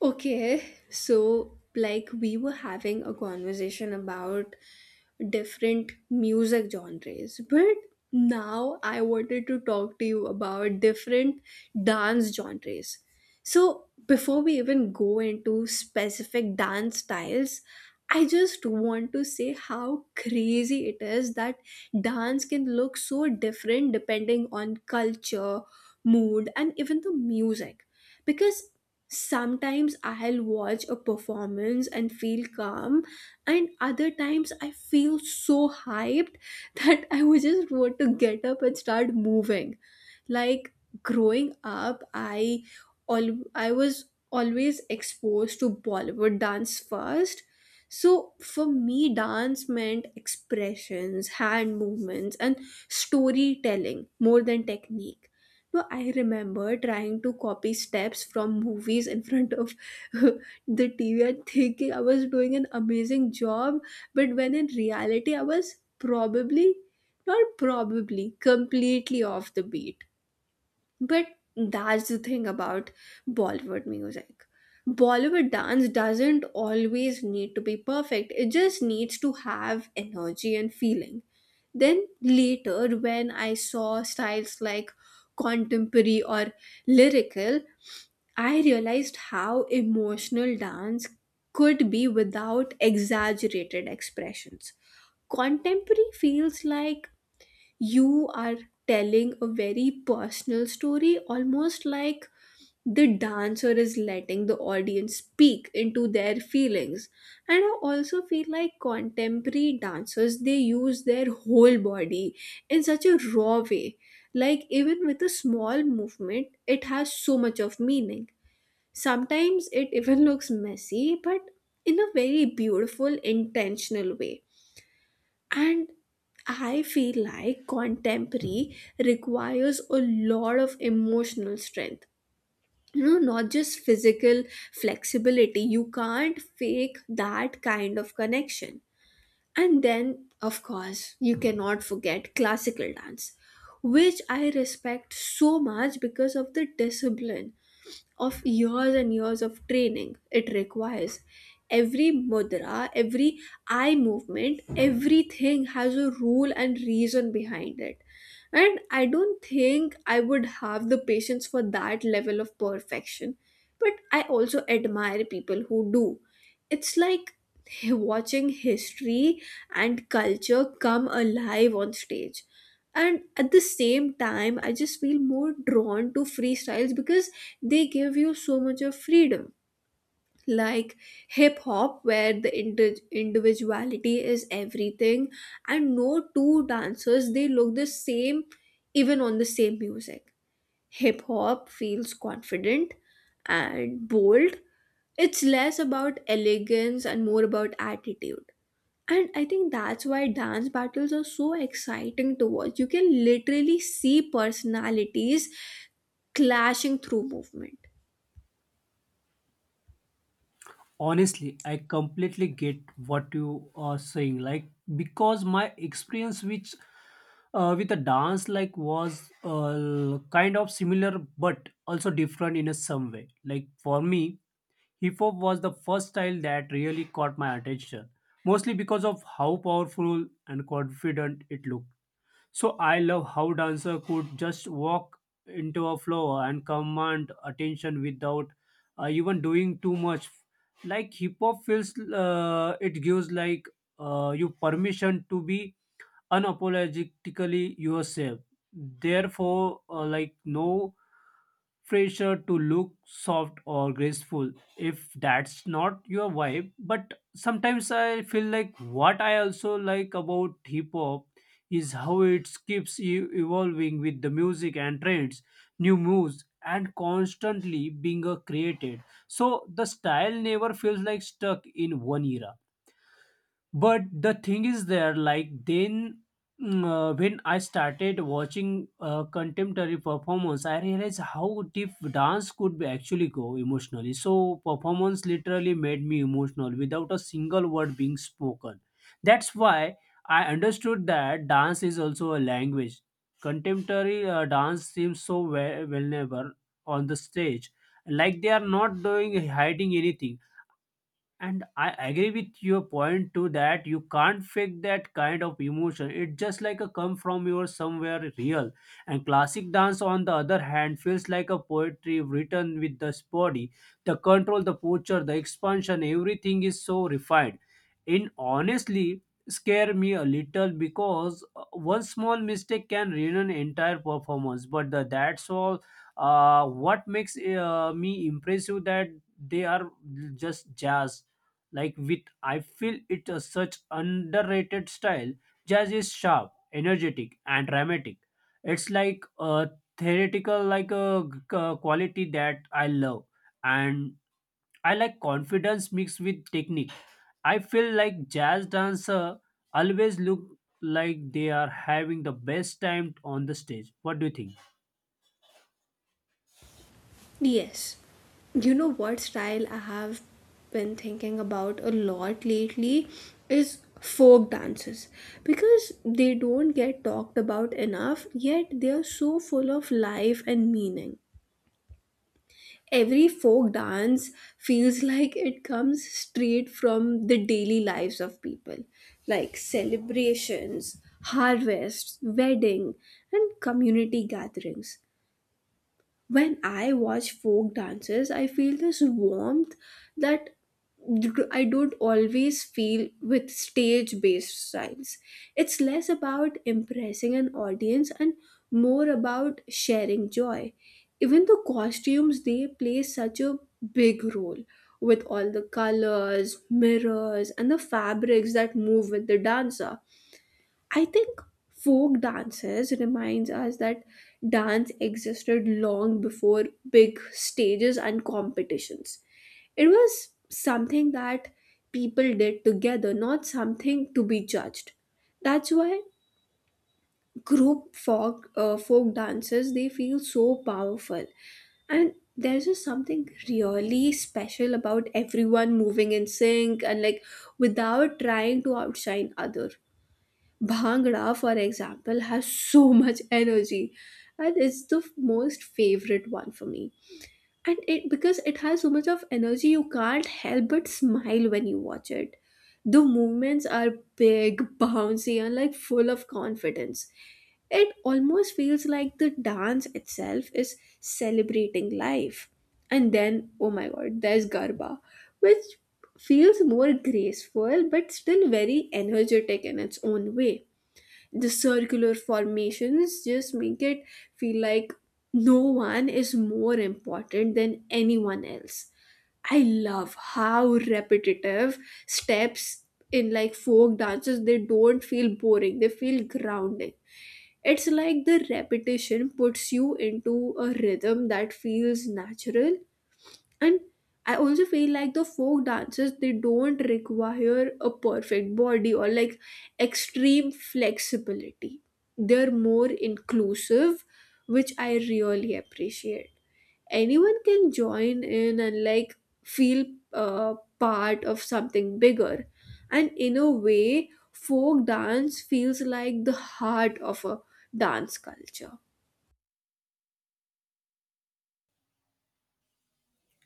Okay, so like we were having a conversation about different music genres, but now I wanted to talk to you about different dance genres. So, before we even go into specific dance styles, I just want to say how crazy it is that dance can look so different depending on culture, mood, and even the music because sometimes I'll watch a performance and feel calm, and other times I feel so hyped that I would just want to get up and start moving. Like growing up, I all I was always exposed to Bollywood dance first, so for me dance meant expressions, hand movements, and storytelling more than technique. No, I remember trying to copy steps from movies in front of the TV and thinking I was doing an amazing job, but when in reality I was probably not probably completely off the beat. But that's the thing about Bollywood music. Bollywood dance doesn't always need to be perfect, it just needs to have energy and feeling. Then later, when I saw styles like contemporary or lyrical, I realized how emotional dance could be without exaggerated expressions. Contemporary feels like you are telling a very personal story, almost like the dancer is letting the audience speak into their feelings. And I also feel like contemporary dancers, they use their whole body in such a raw way. Like even with a small movement, it has so much of meaning. Sometimes it even looks messy, but in a very beautiful, intentional way. And I feel like contemporary requires a lot of emotional strength, you know, not just physical flexibility. You can't fake that kind of connection. And then of course, you cannot forget classical dance, which I respect so much because of the discipline of years and years of training it requires. Every mudra, every eye movement, everything has a rule and reason behind it. And I don't think I would have the patience for that level of perfection. But I also admire people who do. It's like watching history and culture come alive on stage. And at the same time, I just feel more drawn to freestyles because they give you so much of freedom. Like hip hop, where the individuality is everything, and no two dancers they look the same, even on the same music. Hip hop feels confident and bold. It's less about elegance and more about attitude. And I think that's why dance battles are so exciting to watch. You can literally see personalities clashing through movement. Honestly, I completely get what you are saying. Like because my experience which with a dance like was kind of similar but also different in a some way. Like for me, hip hop was the first style that really caught my attention, mostly because of how powerful and confident it looked. So I love how dancer could just walk into a flow and command attention without even doing too much. Like hip hop feels, it gives like you permission to be unapologetically yourself. Therefore, like no pressure to look soft or graceful if that's not your vibe. But sometimes I feel like what I also like about hip hop is how it keeps evolving with the music and trends, new moves, and constantly being created. So the style never feels like stuck in one era, but the thing is there like then when I started watching contemporary performance, I realized how deep dance could be actually go emotionally. So performance literally made me emotional without a single word being spoken. That's why I understood that dance is also a language. Contemporary dance seems so vulnerable on the stage, like they are not doing hiding anything, and I agree with your point too that you can't fake that kind of emotion. It just like a come from your somewhere real. And classic dance, on the other hand, feels like a poetry written with this body. The control, the posture, the expansion, everything is so refined. In honestly, scare me a little because one small mistake can ruin an entire performance. But the, that's all. What makes me impressive that they are just jazz, like with, I feel it a such underrated style. Jazz is sharp, energetic, and dramatic. It's like a theoretical, like a quality that I love, and I like confidence mixed with technique. I feel like jazz dancer always look like they are having the best time on the stage. What do you think? Yes. You know what style I have been thinking about a lot lately is folk dances, because they don't get talked about enough, yet they are so full of life and meaning. Every folk dance feels like it comes straight from the daily lives of people, like celebrations, harvests, wedding, and community gatherings. When I watch folk dances, I feel this warmth that I don't always feel with stage based styles. It's less about impressing an audience and more about sharing joy. Even the costumes, they play such a big role with all the colors, mirrors, and the fabrics that move with the dancer. I think folk dances reminds us that dance existed long before big stages and competitions. It was something that people did together, not something to be judged. That's why group folk dances they feel so powerful, and there's just something really special about everyone moving in sync and like without trying to outshine other. Bhangra, for example, has so much energy, and it's the most favorite one for me. And it because it has so much of energy, you can't help but smile when you watch it. The movements are big, bouncy, and like full of confidence. It almost feels like the dance itself is celebrating life. And then, oh my god, there's Garba, which feels more graceful but still very energetic in its own way. The circular formations just make it feel like no one is more important than anyone else. I love how repetitive steps in like folk dances, they don't feel boring, they feel grounding. It's like the repetition puts you into a rhythm that feels natural. And I also feel like the folk dances, they don't require a perfect body or like extreme flexibility. They're more inclusive, which I really appreciate. Anyone can join in and like feel uh, part of something bigger. And in a way, folk dance feels like the heart of a dance culture.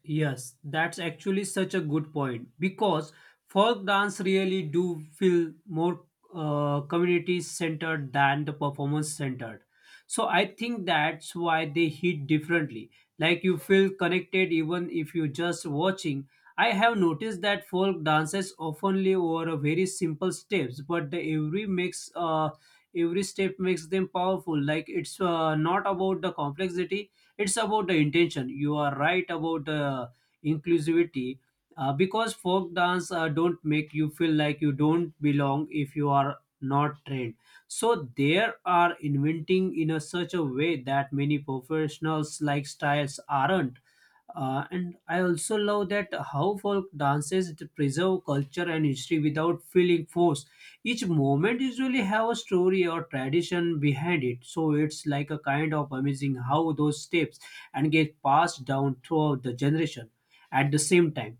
Yes, that's actually such a good point because folk dance really do feel more community centered than the performance centered. So I think that's why they hit differently. Like you feel connected even if you're just watching. I have noticed that folk dances oftenly over a very simple steps, but the every makes every step makes them powerful. Like it's not about the complexity, it's about the intention. You are right about inclusivity because folk dance don't make you feel like you don't belong if you are not trained, so they are inventing in a such a way that many professionals like styles aren't. And I also love that how folk dances to preserve culture and history without feeling forced. Each moment usually have a story or tradition behind it, so it's like a kind of amazing how those steps and get passed down throughout the generation at the same time.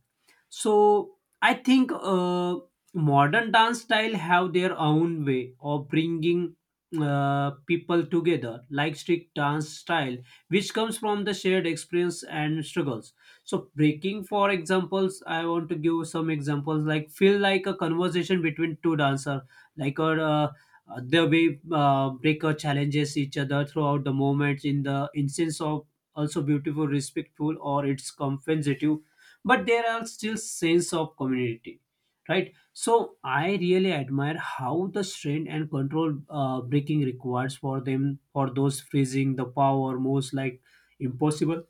So I think modern dance style have their own way of bringing people together, like strict dance style, which comes from the shared experience and struggles. So breaking, for examples, I want to give some examples. Like feel like a conversation between two dancer, like a the way breaker challenges each other throughout the moments in the instance of also beautiful, respectful, or it's compensative, but there are still sense of community, right? So I really admire how the strength and control breaking requires for them, for those freezing the power most like impossible.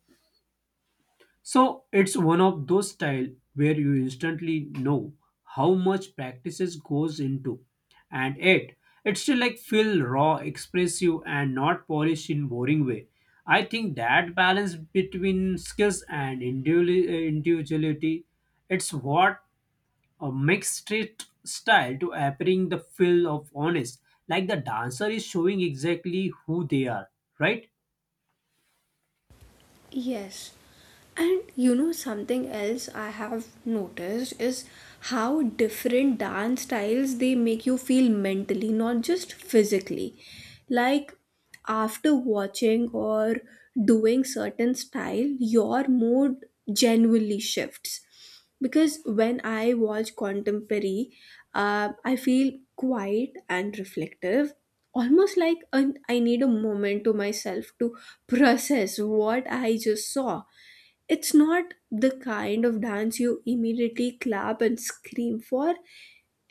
So it's one of those style where you instantly know how much practices goes into, and it still like feel raw, expressive, and not polished in boring way. I think that balance between skills and individuality, it's what makes street style to appearing the feel of honest, like the dancer is showing exactly who they are, right? Yes. And you know, something else I have noticed is how different dance styles they make you feel mentally, not just physically. Like after watching or doing certain style, your mood genuinely shifts because when I watch contemporary, I feel quiet and reflective, almost like I need a moment to myself to process what I just saw. It's not the kind of dance you immediately clap and scream for.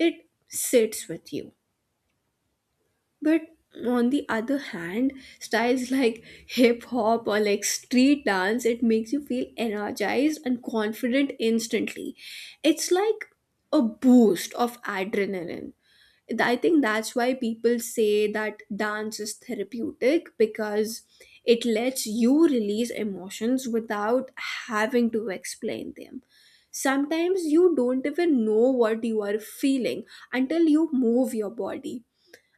It sits with you. But on the other hand, styles like hip hop or like street dance, it makes you feel energized and confident instantly. It's like a boost of adrenaline. I think that's why people say that dance is therapeutic, because it lets you release emotions without having to explain them. Sometimes you don't even know what you are feeling until you move your body.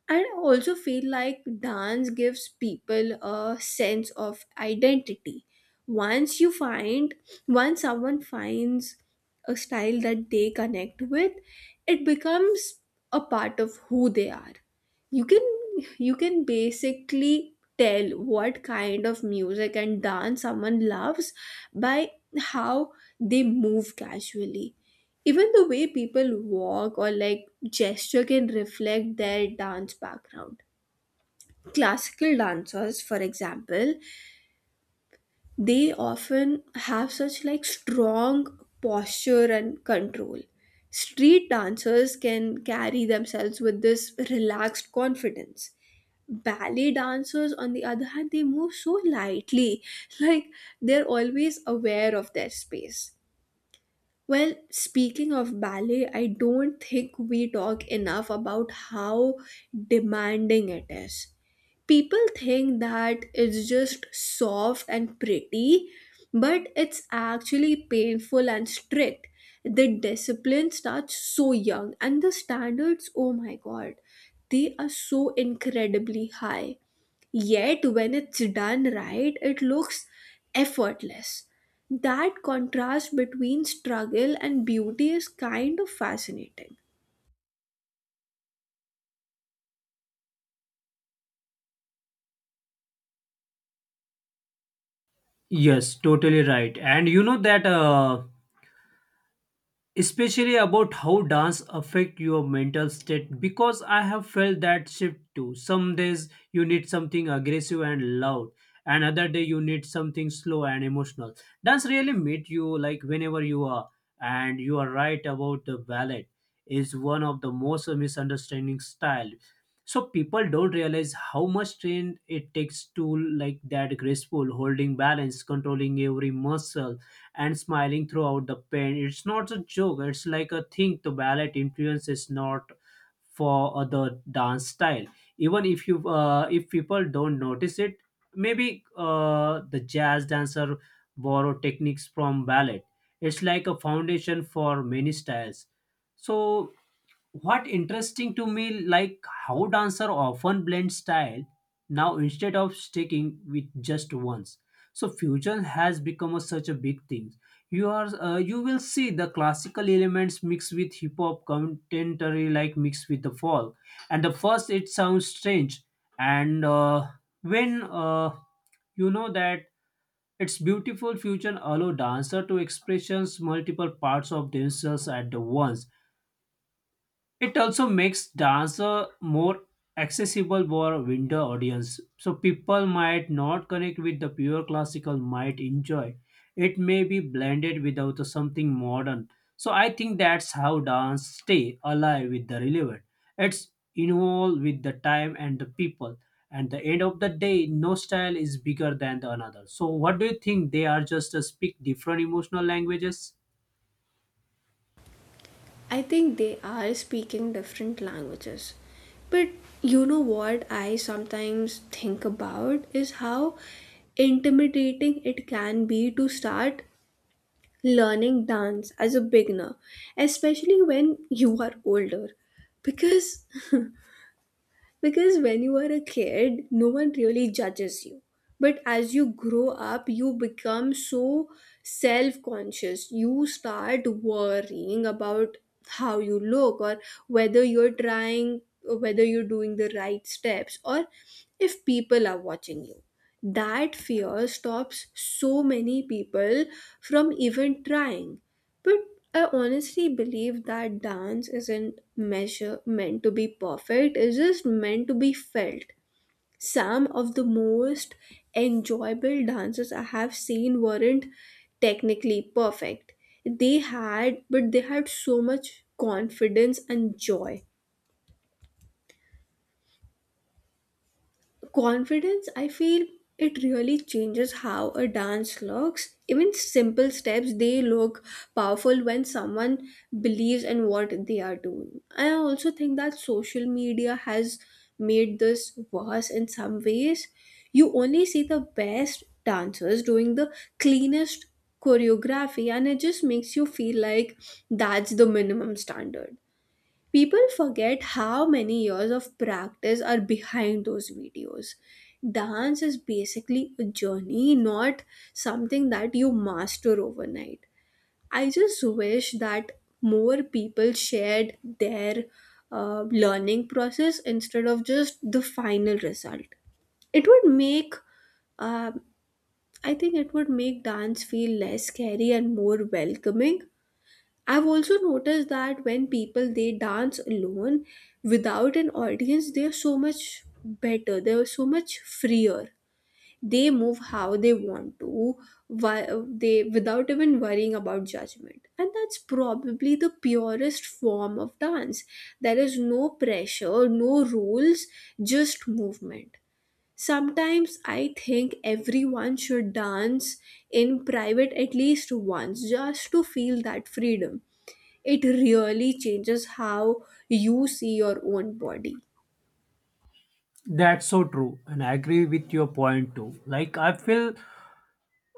And I also feel like dance gives people a sense of identity. Once you find, Once someone finds a style that they connect with, it becomes a part of who they are. You can you can basically tell what kind of music and dance someone loves by how they move casually. Even the way people walk or like gesture can reflect their dance background. Classical dancers, for example, they often have such like strong posture and control. Street dancers can carry themselves with this relaxed confidence. Ballet dancers, on the other hand, they move so lightly, like they're always aware of their space. Well, speaking of ballet, I don't think we talk enough about how demanding it is. People think that it's just soft and pretty, but it's actually painful and strict. The discipline starts so young, and the standards, oh my god, they are so incredibly high. Yet, when it's done right, it looks effortless. That contrast between struggle and beauty is kind of fascinating. Yes, totally right. And you know that especially about how dance affect your mental state, because I have felt that shift too. Some days you need something aggressive and loud, and other day you need something slow and emotional. Dance really meet you like whenever you are. And you are right about the ballet is one of the most misunderstanding style, so people don't realize how much strain it takes to like that graceful holding balance, controlling every muscle, and smiling throughout the pain. It's not a joke, it's like a thing. The ballet influence is not for the dance style. Even if you if people don't notice it, maybe the jazz dancer borrow techniques from ballet. It's like a foundation for many styles. So what interesting to me like how dancer often blend style now instead of sticking with just ones. So fusion has become a, such a big thing. You are you will see the classical elements mixed with hip hop, contemporary like mixed with the folk, and the first it sounds strange. And when you know that its beautiful fusion allow dancer to expressions multiple parts of themselves at the once. It also makes dance more accessible for a wider audience. So people might not connect with the pure classical might enjoy. It may be blended without the something modern. So I think that's how dance stay alive with the relevant. It's involved with the time and the people. And the end of the day, no style is bigger than the another. So what do you think? They are just speak different emotional languages. I think they are speaking different languages. But you know what I sometimes think about is how intimidating it can be to start learning dance as a beginner, especially when you are older. Because Because when you are a kid, no one really judges you. But as you grow up, you become so self conscious. You start worrying about how you look, or whether you're trying, or whether you're doing the right steps, or if people are watching you. That fear stops so many people from even trying. But I honestly believe that dance isn't measure meant to be perfect, it's just meant to be felt. Some of the most enjoyable dances I have seen weren't technically perfect. They had But they had so much confidence and joy. Confidence, I feel, it really changes how a dance looks. Even simple steps, they look powerful when someone believes in what they are doing. I also think that social media has made this worse in some ways. You only see the best dancers doing the cleanest choreography, and it just makes you feel like that's the minimum standard. People forget how many years of practice are behind those videos. Dance is basically a journey, not something that you master overnight. I just wish that more people shared their learning process instead of just the final result. It would make, uh, I think, it would make dance feel less scary and more welcoming. I've also noticed that when people they dance alone without an audience, they're so much better. They're so much freer. They move how they want to, why they without even worrying about judgment. And that's probably the purest form of dance. There is no pressure, no rules, just movement. Sometimes I think everyone should dance in private at least once just to feel that freedom. It really changes how you see your own body. That's so true, and I agree with your point too. Like I feel,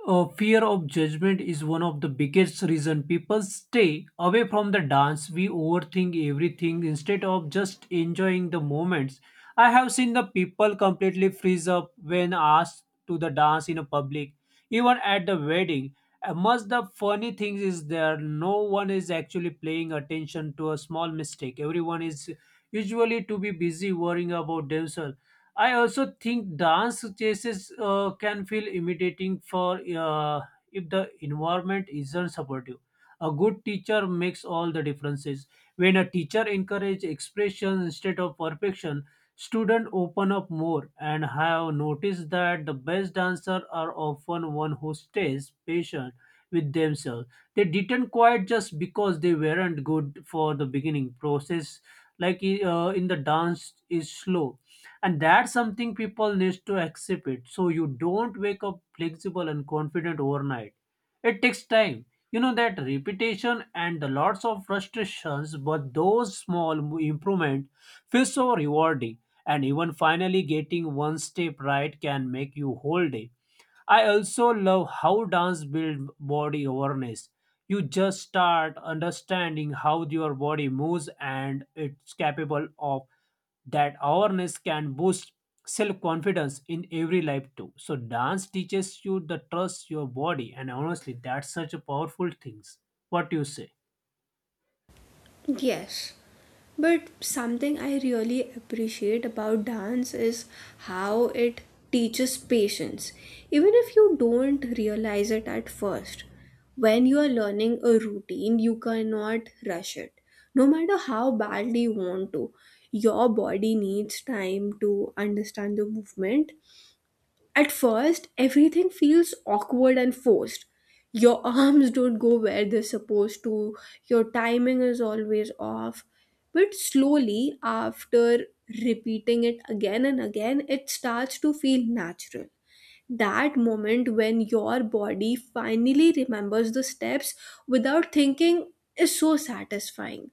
fear of judgment is one of the biggest reason people stay away from the dance. We overthink everything instead of just enjoying the moments. I have seen the people completely freeze up when asked to the dance in a public, even at the wedding. And most the funny thing is there no one is actually paying attention to a small mistake. Everyone is usually to be busy worrying about themselves. I also think dance chases can feel imitating for if the environment isn't supportive. A good teacher makes all the differences. When a teacher encourages expression instead of perfection, students open up more, and I have noticed that the best dancers are often one who stays patient with themselves. They didn't quite just because they weren't good for the beginning process, like in the dance is slow, and that's something people need to accept it. So you don't wake up flexible and confident overnight, it takes time. You know that repetition and the lots of frustrations, but those small improvement feel so rewarding, and even finally getting one step right can make you whole day. I also love how dance build body awareness. You just start understanding how your body moves and it's capable of. That awareness can boost self confidence in every life too. So dance teaches you the trust your body, and honestly that's such a powerful things. What do you say? Yes. But something I really appreciate about dance is how it teaches patience, even if you don't realize it at first. When you are learning a routine, you cannot rush it. No matter how badly you want to, your body needs time to understand the movement. At first, everything feels awkward and forced. Your arms don't go where they're supposed to, your timing is always off. But slowly, after repeating it again and again, it starts to feel natural. That moment when your body finally remembers the steps without thinking is so satisfying.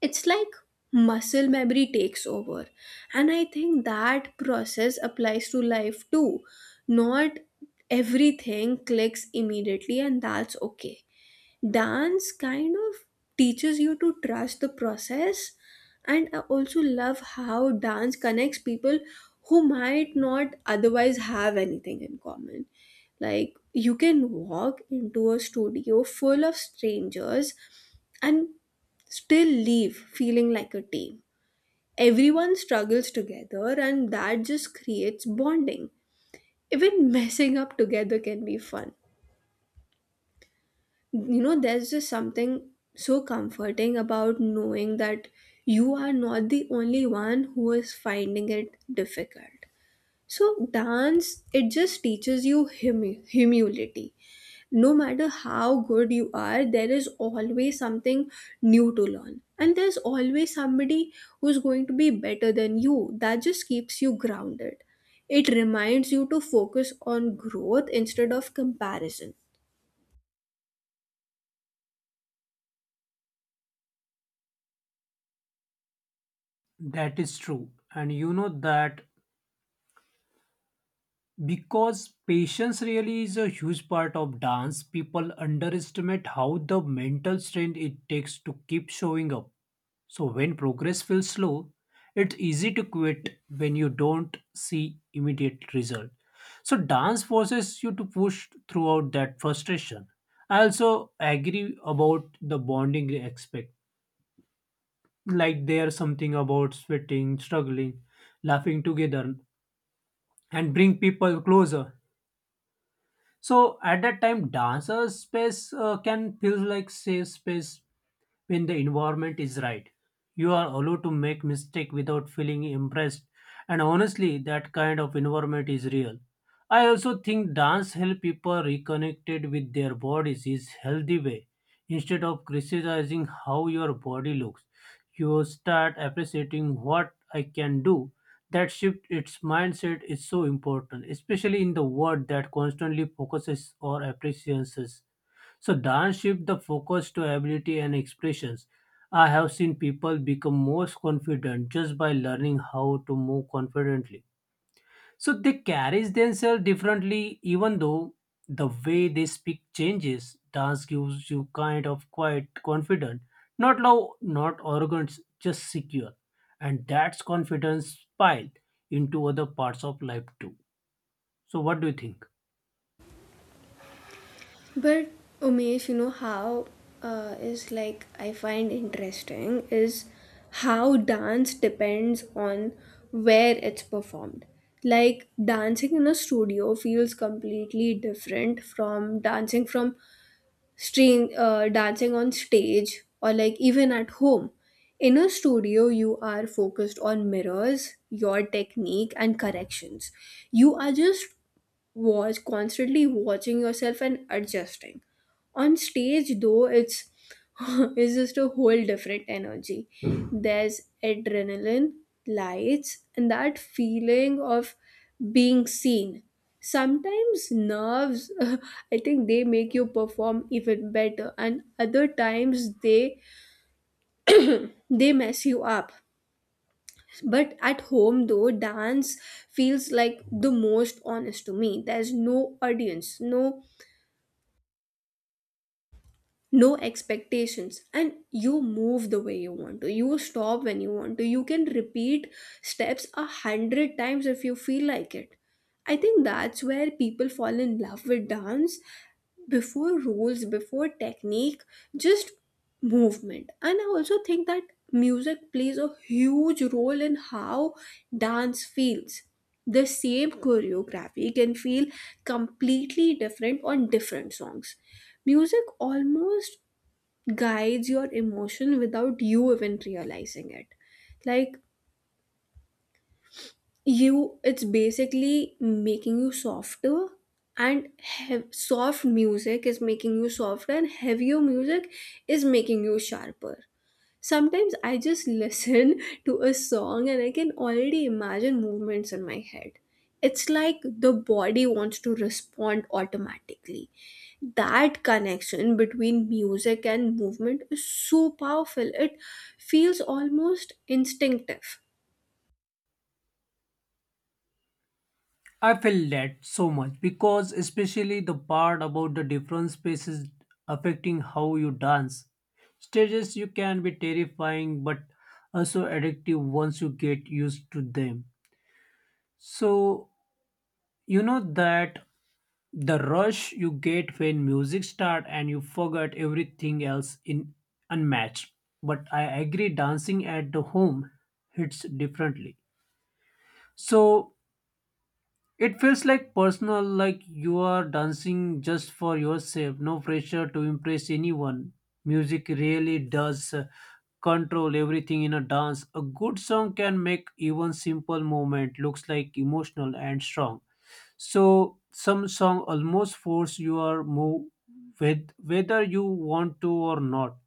It's like muscle memory takes over, and I think that process applies to life too. Not everything clicks immediately, and that's okay. Dance kind of teaches you to trust the process. And I also love how dance connects people who might not otherwise have anything in common. Like, you can walk into a studio full of strangers and still leave feeling like a team. Everyone struggles together, and that just creates bonding. Even messing up together can be fun. You know, there's just something so comforting about knowing that you are not the only one who is finding it difficult. So dance, it just teaches you humility. No matter how good you are, there is always something new to learn. And there's always somebody who's going to be better than you. That just keeps you grounded. It reminds you to focus on growth instead of comparison. That is true, and you know that because patience really is a huge part of dance. People underestimate how the mental strength it takes to keep showing up. So when progress feels slow, it's easy to quit when you don't see immediate result. So dance forces you to push throughout that frustration. I also agree about the bonding aspect. Like there's something about sweating, struggling, laughing together and bring people closer. So at that time, dancers' space can feel like safe space when the environment is right. You are allowed to make mistake without feeling impressed, and honestly, that kind of environment is real. I also think dance help people reconnected with their bodies is healthy way. Instead of criticizing how your body looks, you start appreciating what I can do. That shift its mindset is so important, especially in the world that constantly focuses on appreciations. So dance shift the focus to ability and expressions. I have seen people become most confident just by learning how to move confidently. So they carry themselves differently, even though the way they speak changes. Dance gives you kind of quite confident, not low, not arrogant, just secure, and that's confidence spiled into other parts of life too. So what do you think? But Umesh, you know how is like, I find interesting is how dance depends on where it's performed. Like, dancing in a studio feels completely different from dancing from dancing on stage or like even at home. In a studio, you are focused on mirrors, your technique, and corrections. You are just was constantly watching yourself and adjusting. On stage, though, it's it's just a whole different energy. There's adrenaline, lights, and that feeling of being seen. Sometimes nerves, I think they make you perform even better, and other times they mess you up. But at home, though, dance feels like the most honest to me. There's no audience, no expectations, and you move the way you want to, you stop when you want to, you can repeat steps 100 times if you feel like it. I think that's where people fall in love with dance, before rules, before technique, just movement. And I also think that music plays a huge role in how dance feels. The same choreography can feel completely different on different songs. Music almost guides your emotion without you even realizing it. Like, it's basically making you softer, and soft music is making you softer, and heavier music is making you sharper. Sometimes I just listen to a song and I can already imagine movements in my head. It's like the body wants to respond automatically. That connection between music and movement is so powerful. It feels almost instinctive. I feel that so much because especially the part about the different spaces affecting how you dance. Stages you can be terrifying, but also addictive once you get used to them. So, you know that the rush you get when music start and you forget everything else in unmatched. But I agree dancing at the home hits differently. So, it feels like personal, like you are dancing just for yourself, no pressure to impress anyone. Music really does control everything in a dance. A good song can make even simple movement looks like emotional and strong. So some song almost force your move with whether you want to or not.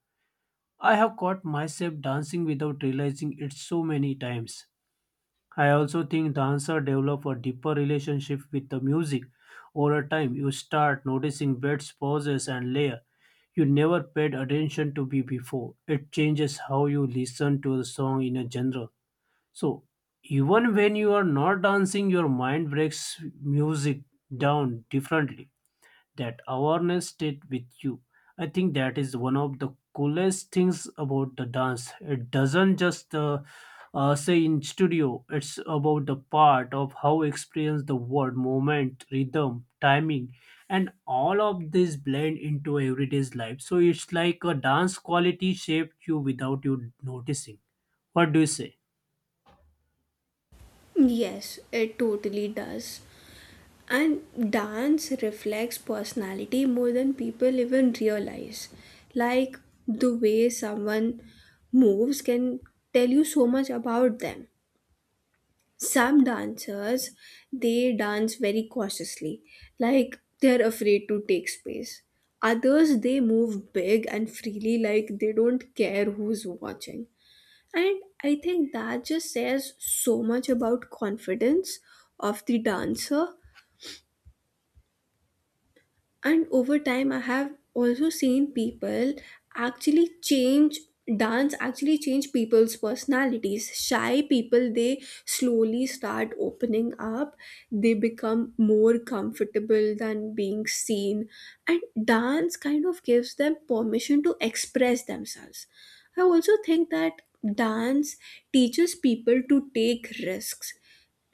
I have caught myself dancing without realizing it so many times. I also think dancer develop a deeper relationship with the music. Over time, you start noticing beats, pauses, and layer you never paid attention to be before. It changes how you listen to the song in a general. So even when you are not dancing, your mind breaks music down differently. That awareness stayed with you. I think that is one of the coolest things about the dance. It doesn't just say in studio. It's about the part of how experience the word, moment, rhythm, timing, and all of this blend into everyday's life. So it's like a dance quality shaped you without you noticing. What do you say? Yes, it totally does. And dance reflects personality more than people even realize. Like, the way someone moves can tell you so much about them. Some dancers, they dance very cautiously, like they're afraid to take space. Others, they move big and freely, like they don't care who's watching. And I think that just says so much about confidence of the dancer. And over time, I have also seen people actually change. Dance actually change people's personalities. Shy people, they slowly start opening up, they become more comfortable than being seen, and dance kind of gives them permission to express themselves. I also think that dance teaches people to take risks.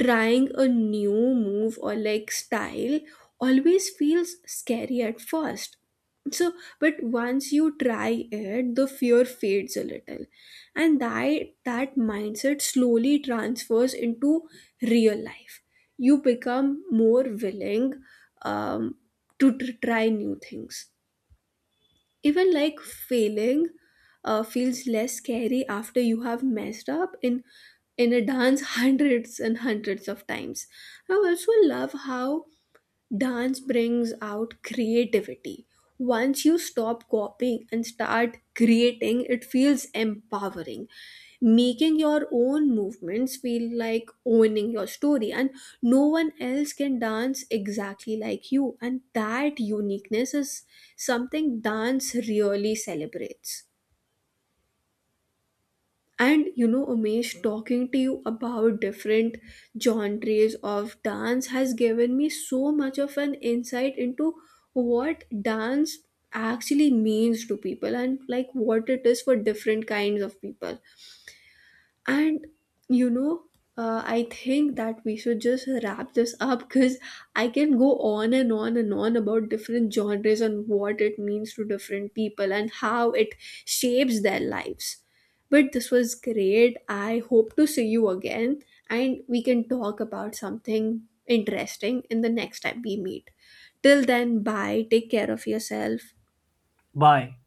Trying a new move or like style always feels scary at first. So, but once you try it, the fear fades a little, and that mindset slowly transfers into real life. You become more willing, um, to try new things. Even like failing feels less scary after you have messed up in a dance hundreds and hundreds of times. I also love how dance brings out creativity. Once you stop copying and start creating, it feels empowering. Making your own movements feel like owning your story, and no one else can dance exactly like you. And that uniqueness is something dance really celebrates. And you know, Umesh, talking to you about different genres of dance has given me so much of an insight into what dance actually means to people and like what it is for different kinds of people. And you know, I think that we should just wrap this up, because I can go on and on and on about different genres and what it means to different people and how it shapes their lives. But this was great. I hope to see you again, and we can talk about something interesting in the next time we meet. Till then, bye. Take care of yourself. Bye.